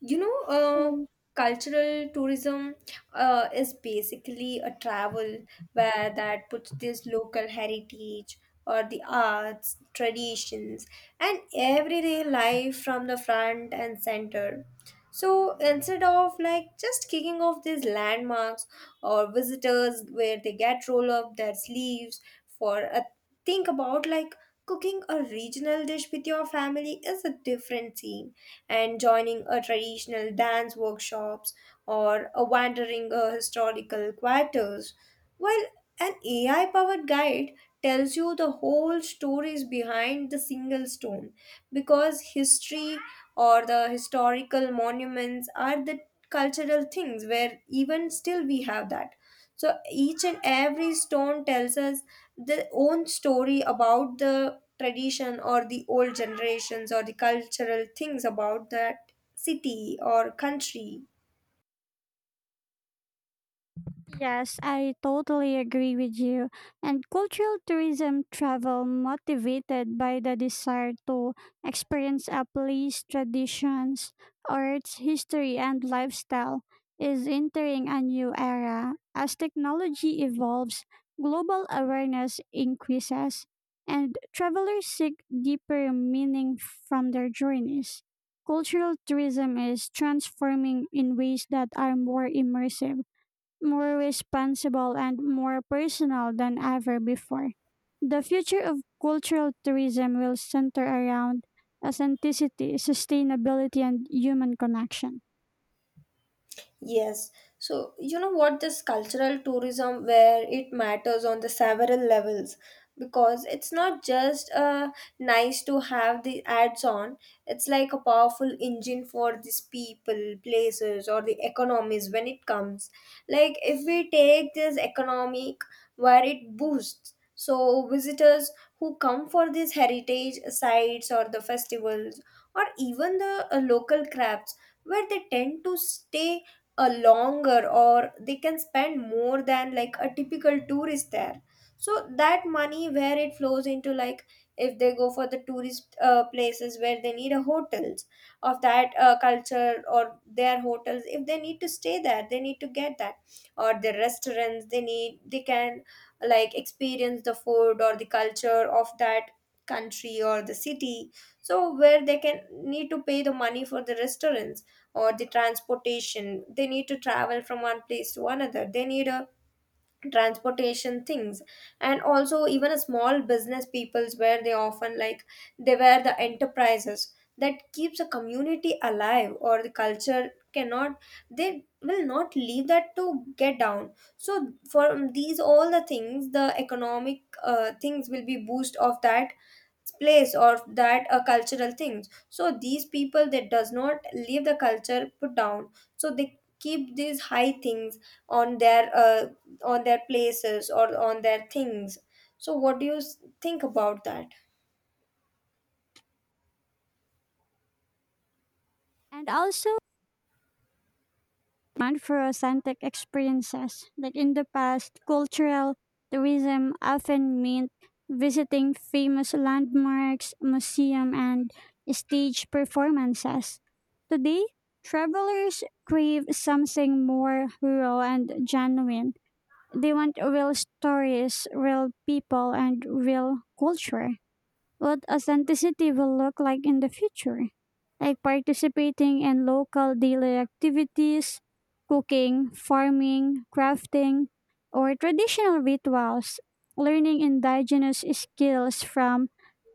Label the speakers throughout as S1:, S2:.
S1: You know, uh,
S2: Hello.
S1: Cultural tourism is basically a travel where that puts this local heritage or the arts, traditions, and everyday life from the front and center. So instead of like just kicking off these landmarks or visitors where they get roll up their sleeves for a think about like cooking a regional dish with your family is a different scene and joining a traditional dance workshops or a wandering historical quarters while an AI powered guide tells you the whole stories behind the single stone, because history or the historical monuments are the cultural things where even still we have that. So each and every stone tells us their own story about the tradition or the old generations or the cultural things about that city or country.
S2: Yes, I totally agree with you. And cultural tourism travel motivated by the desire to experience a place, traditions, arts, history, and lifestyle is entering a new era. As technology evolves, global awareness increases, and travelers seek deeper meaning from their journeys. Cultural tourism is transforming in ways that are more immersive, more responsible, and more personal than ever before. The future of cultural tourism will center around authenticity, sustainability, and human connection.
S1: Yes. So, you know what, this cultural tourism where it matters on the several levels, because it's not just nice to have the ads on, it's like a powerful engine for these people, places, or the economies when it comes. Like, if we take this economic where it boosts, so visitors who come for these heritage sites or the festivals or even the local crafts where they tend to stay a longer or they can spend more than like a typical tourist there. So that money where it flows into, like if they go for the tourist places where they need a hotels of that culture, or their hotels, if they need to stay there they need to get that, or the restaurants they need, they can like experience the food or the culture of that country or the city. So where they can need to pay the money for the restaurants or the transportation, they need to travel from one place to another, they need a transportation things. And also even a small business peoples where they often like they were the enterprises that keeps a community alive or the culture cannot, they will not leave that to get down. So for these all the things, the economic things will be boost of that place or that cultural things, so these people that does not leave the culture put down, so they keep these high things on their uh, on their places or on their things. So what do you think about that?
S2: And also, demand for authentic experiences. Like in the past, cultural tourism often meant visiting famous landmarks, museum, and stage performances. Today, travelers crave something more real and genuine. They want real stories, real people, and real culture what authenticity will look like in the future, like participating in local daily activities, cooking, farming, crafting, or traditional rituals, learning indigenous skills from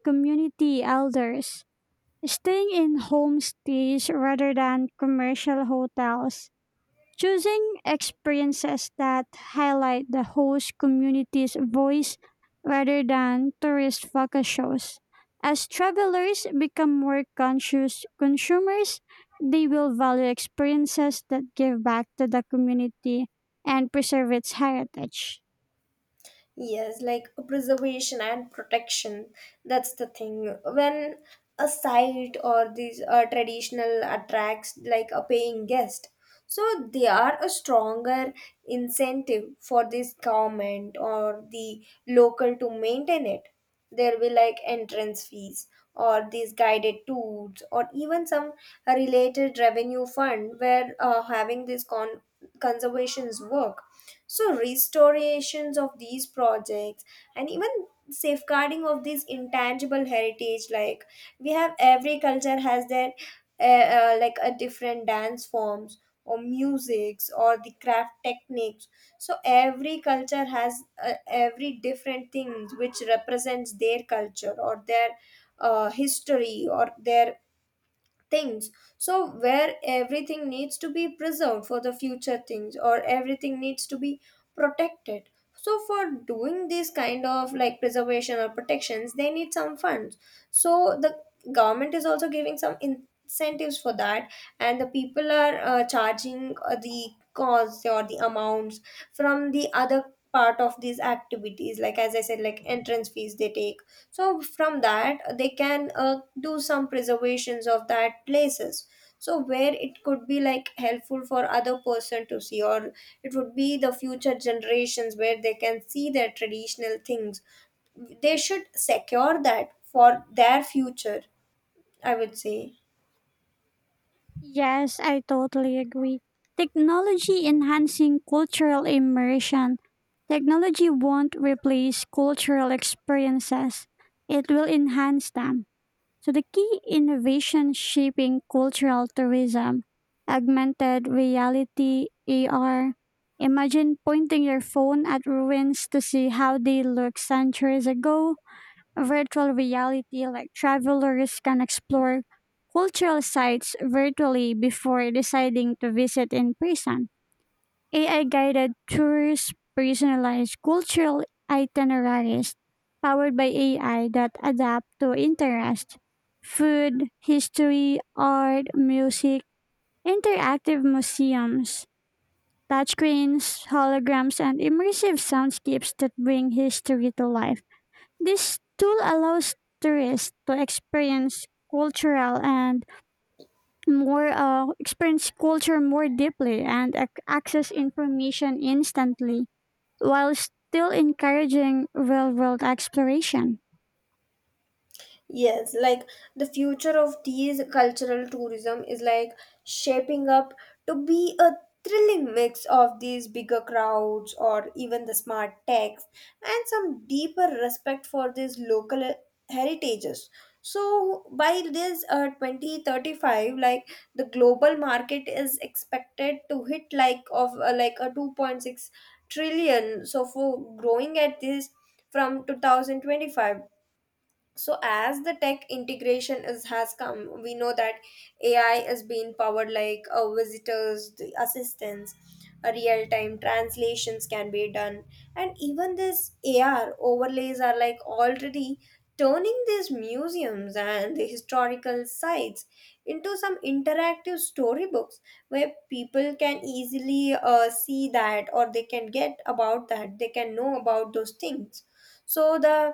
S2: community elders, staying in homestays rather than commercial hotels, choosing experiences that highlight the host community's voice rather than tourist focus shows. As travelers become more conscious consumers, they will value experiences that give back to the community and preserve its heritage.
S1: Yes, like preservation and protection. That's the thing. When a site or these traditional attracts like a paying guest, so they are a stronger incentive for this government or the local to maintain it. There will like entrance fees or these guided tours or even some related revenue fund where having these conservations work, so restorations of these projects and even safeguarding of these intangible heritage, like we have every culture has their like a different dance forms or musics or the craft techniques. So every culture has every different things which represents their culture or their history or their things. So where everything needs to be preserved for the future things, or everything needs to be protected. So for doing this kind of like preservation or protections, they need some funds. So the government is also giving some incentives for that, and the people are charging the cost or the amounts from the other part of these activities, like as I said, like entrance fees they take. So from that they can do some preservations of that places, so where it could be like helpful for other person to see, or it would be the future generations where they can see their traditional things. They should secure that for their future, I would say.
S2: Yes, I totally agree. Technology enhancing cultural immersion. Technology won't replace cultural experiences, it will enhance them. So the key innovation shaping cultural tourism, augmented reality, AR. Imagine pointing your phone at ruins to see how they looked centuries ago. Virtual reality, like travelers can explore cultural sites virtually before deciding to visit in person. AI guided tours, personalized cultural itineraries powered by AI that adapt to interest, food, history, art, music, interactive museums, touchscreens, holograms, and immersive soundscapes that bring history to life. This tool allows tourists to experience cultural and more experience culture more deeply and access information instantly while still encouraging real world exploration.
S1: Yes, like the future of these cultural tourism is like shaping up to be a thrilling mix of these bigger crowds or even the smart techs and some deeper respect for these local heritages. So by this 2035, like the global market is expected to hit like of like a 2.6 trillion, so for growing at this from 2025. So as the tech integration is has come, we know that AI is being powered like visitors the assistants, a real-time translations can be done. And even this AR overlays are like already turning these museums and the historical sites into some interactive storybooks, where people can easily see that or they can get about that, they can know about those things. So the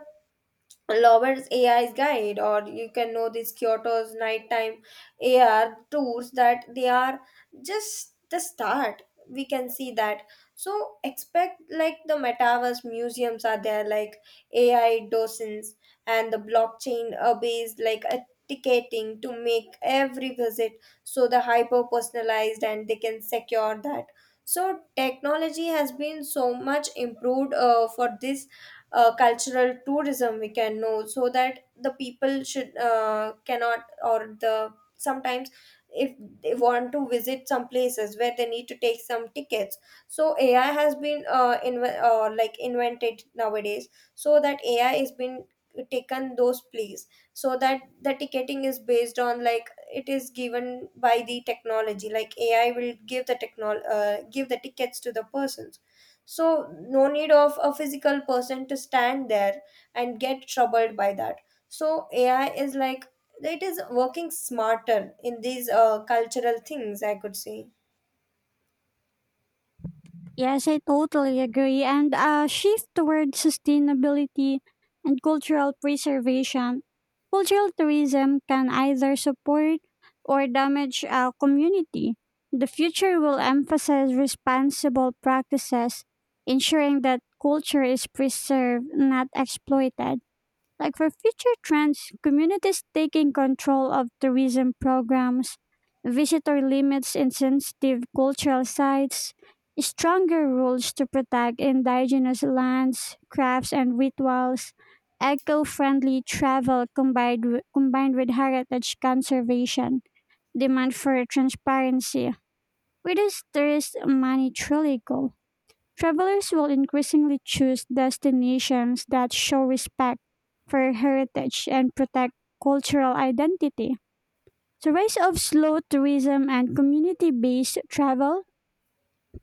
S1: Lover's AI's guide, or you can know this Kyoto's nighttime AR tours, that they are just the start. We can see that. So expect like the metaverse museums are there, like AI docents and the blockchain based like a ticketing to make every visit so the hyper personalized and they can secure that. So technology has been so much improved for this cultural tourism, we can know. So that the people should cannot, or the sometimes if they want to visit some places where they need to take some tickets. So AI has been like invented nowadays, so that AI has been taken those place. So that the ticketing is based on like it is given by the technology, like AI will give the technol give the tickets to the person. So no need of a physical person to stand there and get troubled by that. So AI is like it is working smarter in these cultural things, I could say.
S2: Yes, I totally agree. And a shift toward sustainability and cultural preservation. Cultural tourism can either support or damage a community. The future will emphasize responsible practices, ensuring that culture is preserved, not exploited. Like for future trends, communities taking control of tourism programs, visitor limits in sensitive cultural sites, stronger rules to protect indigenous lands, crafts, and rituals, eco friendly travel combined, combined with heritage conservation, demand for transparency. Where does tourist money truly go? Travelers will increasingly choose destinations that show respect for heritage and protect cultural identity. The rise of slow tourism and community based travel,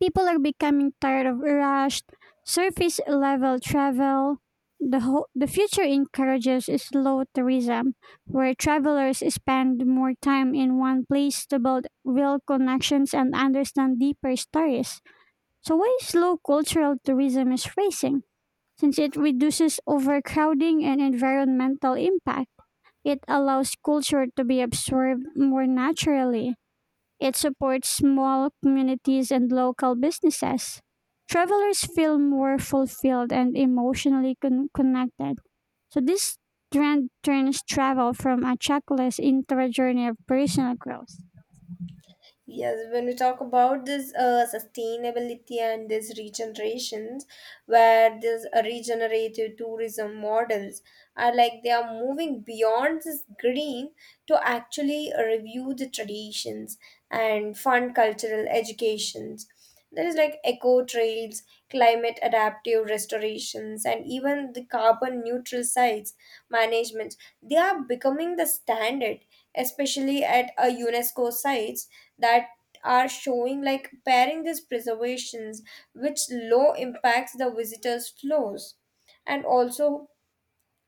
S2: people are becoming tired of rushed, surface level travel. The future encourages slow tourism, where travelers spend more time in one place to build real connections and understand deeper stories. So why slow cultural tourism is rising? Since it reduces overcrowding and environmental impact, it allows culture to be absorbed more naturally. It supports small communities and local businesses. Travelers feel more fulfilled and emotionally connected. So this trend turns travel from a checklist into a journey of personal growth.
S1: Yes, when we talk about this sustainability and this regenerations, where this regenerative tourism models are like they are moving beyond this green to actually review the traditions and fund cultural educations. There is like eco trails, climate adaptive restorations, and even the carbon neutral sites management. They are becoming the standard, especially at a UNESCO sites that are showing like pairing these preservations which low impacts the visitors flows. And also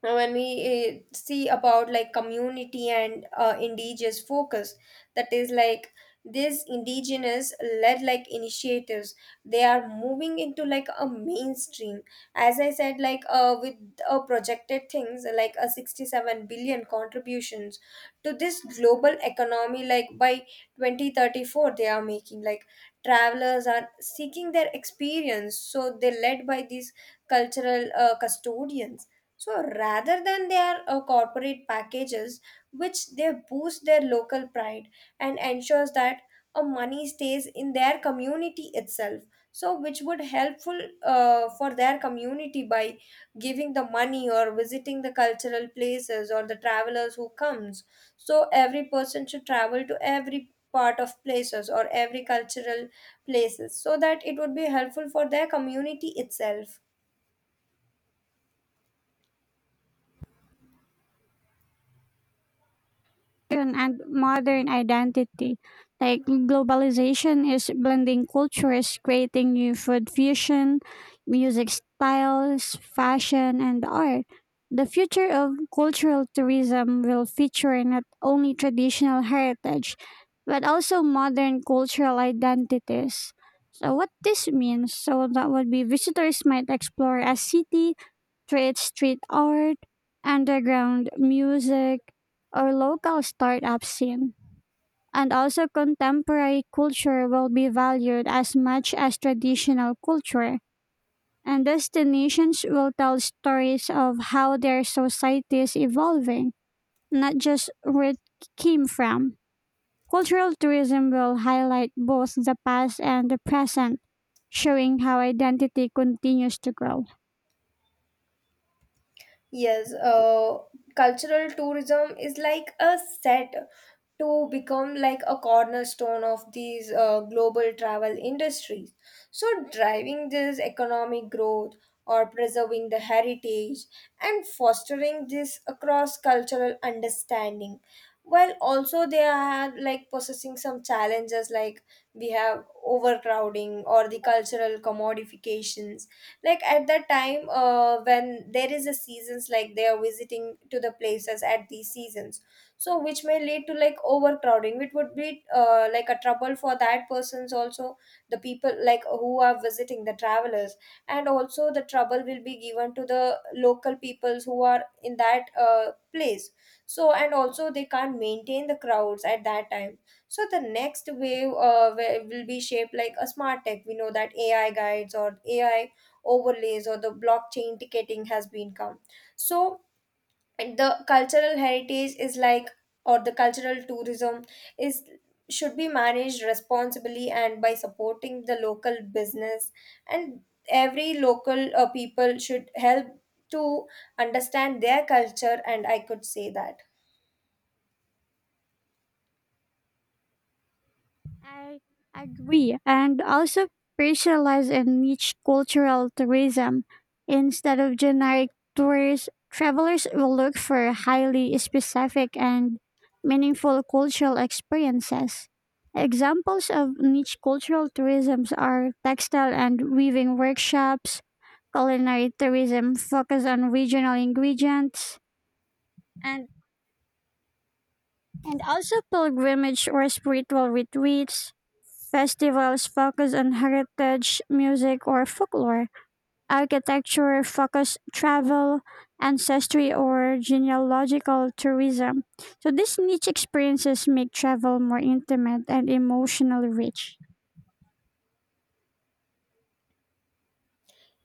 S1: now, when we see about like community and indigenous focus, that is like these indigenous led like initiatives, they are moving into like a mainstream. As I said, like with projected things like a 67 billion contributions to this global economy, like by 2034, they are making like travelers are seeking their experience. So they led by these cultural custodians, so rather than their corporate packages, which they boost their local pride and ensures that a money stays in their community itself. So which would helpful for their community by giving the money or visiting the cultural places or the travelers who comes. So every person should travel to every part of places or every cultural places so that it would be helpful for their community itself.
S2: And modern identity. Like globalization is blending cultures, creating new food fusion, music styles, fashion, and art. The future of cultural tourism will feature not only traditional heritage, but also modern cultural identities. So, what this means, so that would be visitors might explore a city through its street art, underground music, or local startup scene. And also, contemporary culture will be valued as much as traditional culture. And destinations will tell stories of how their society is evolving, not just where it came from. Cultural tourism will highlight both the past and the present, showing how identity continues to grow.
S1: Yes, cultural tourism is like a set to become like a cornerstone of these global travel industries. So, driving this economic growth or preserving the heritage and fostering this across cultural understanding. While also they are like possessing some challenges, like we have overcrowding or the cultural commodifications. Like at that time, when there is a seasons, like they are visiting to the places at these seasons, so which may lead to like overcrowding. It would be like a trouble for that person's also, the people like who are visiting the travelers, and also the trouble will be given to the local peoples who are in that place. So and also they can't maintain the crowds at that time. So the next wave will be shaped like a smart tech, we know that ai guides or AI overlays or the blockchain ticketing has been come. So and the cultural heritage is like, or the cultural tourism is should be managed responsibly and by supporting the local business. And every local people should help to understand their culture, and I could say that.
S2: I agree, and also specialize in niche cultural tourism instead of generic tourists. Travelers will look for highly specific and meaningful cultural experiences. Examples of niche cultural tourisms are textile and weaving workshops, culinary tourism focused on regional ingredients, and also pilgrimage or spiritual retreats, festivals focused on heritage, music or folklore, architecture focused travel, ancestry or genealogical tourism. So these niche experiences make travel more intimate and emotionally rich.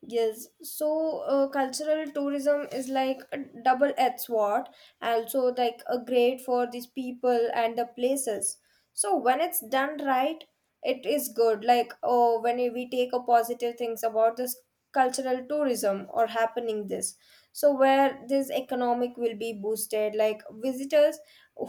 S1: Yes, so cultural tourism is like a double-edged sword, and also like a great for these people and the places. So when it's done right, it is good. Like oh, when we take a positive things about this cultural tourism or happening this, so where this economic will be boosted, like visitors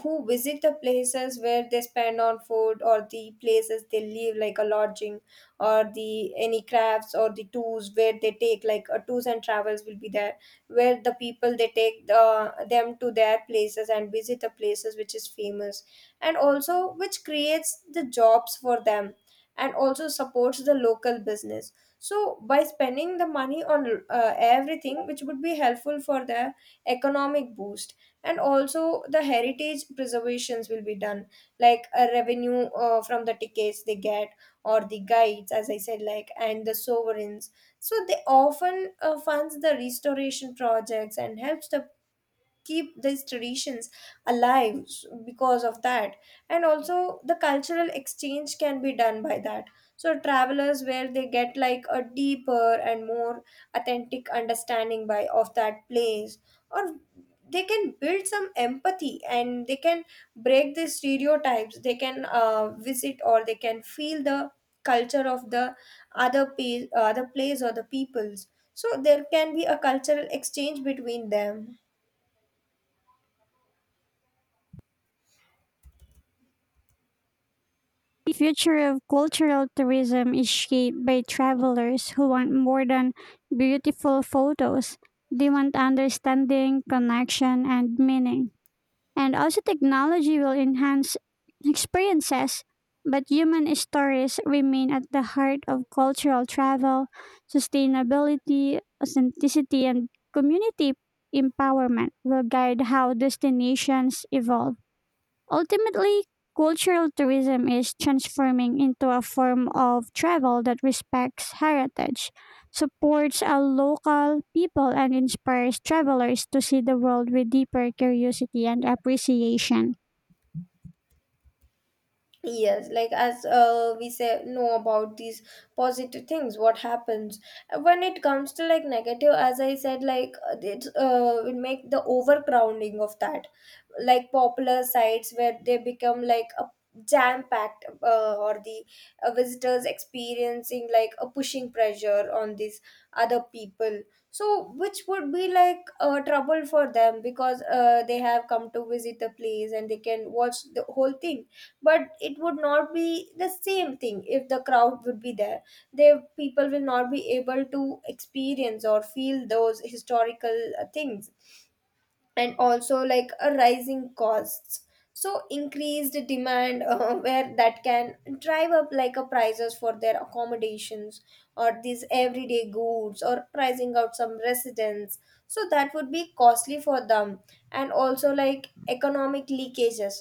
S1: who visit the places where they spend on food or the places they live, like a lodging or the any crafts or the tours where they take, like tours and travels will be there, where the people they take the them to their places and visit the places which is famous. And also which creates the jobs for them and also supports the local business. So by spending the money on everything which would be helpful for the economic boost. And also the heritage preservations will be done, like a revenue from the tickets they get or the guides, as I said, like and the sovereigns. So they often funds the restoration projects and helps the keep these traditions alive because of that. And also the cultural exchange can be done by that. So travelers where they get like a deeper and more authentic understanding by of that place, or they can build some empathy and they can break the stereotypes, they can visit or they can feel the culture of the other other place or the peoples. So there can be a cultural exchange between them.
S2: The future of cultural tourism is shaped by travelers who want more than beautiful photos. They want understanding, connection, and meaning. And also, technology will enhance experiences, but human stories remain at the heart of cultural travel, sustainability, authenticity, and community empowerment will guide how destinations evolve. Ultimately, cultural tourism is transforming into a form of travel that respects heritage, supports a local people, and inspires travelers to see the world with deeper curiosity and appreciation.
S1: Yes, like as we say, know about these positive things. What happens when it comes to like negative? As I said, like it will make the overcrowding of that, like popular sites where they become like a jam packed, or the visitors experiencing like a pushing pressure on these other people. So, which would be like trouble for them, because they have come to visit the place and they can watch the whole thing, but it would not be the same thing if the crowd would be there. They people will not be able to experience or feel those historical things. And also like a rising costs, so increased demand where that can drive up like a prices for their accommodations or these everyday goods, or pricing out some residents. So that would be costly for them. And also like economic leakages,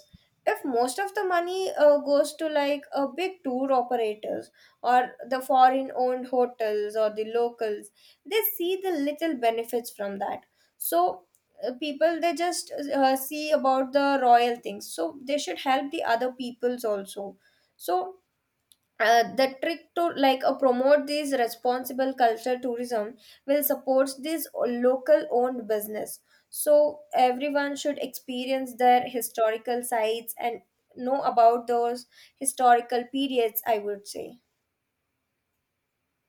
S1: if most of the money goes to like a big tour operators or the foreign owned hotels, or the locals they see the little benefits from that. So people they just see about the royal things, so they should help the other peoples also. So the trick to like promote these responsible culture tourism will support this local owned business. So everyone should experience their historical sites and know about those historical periods, I would say.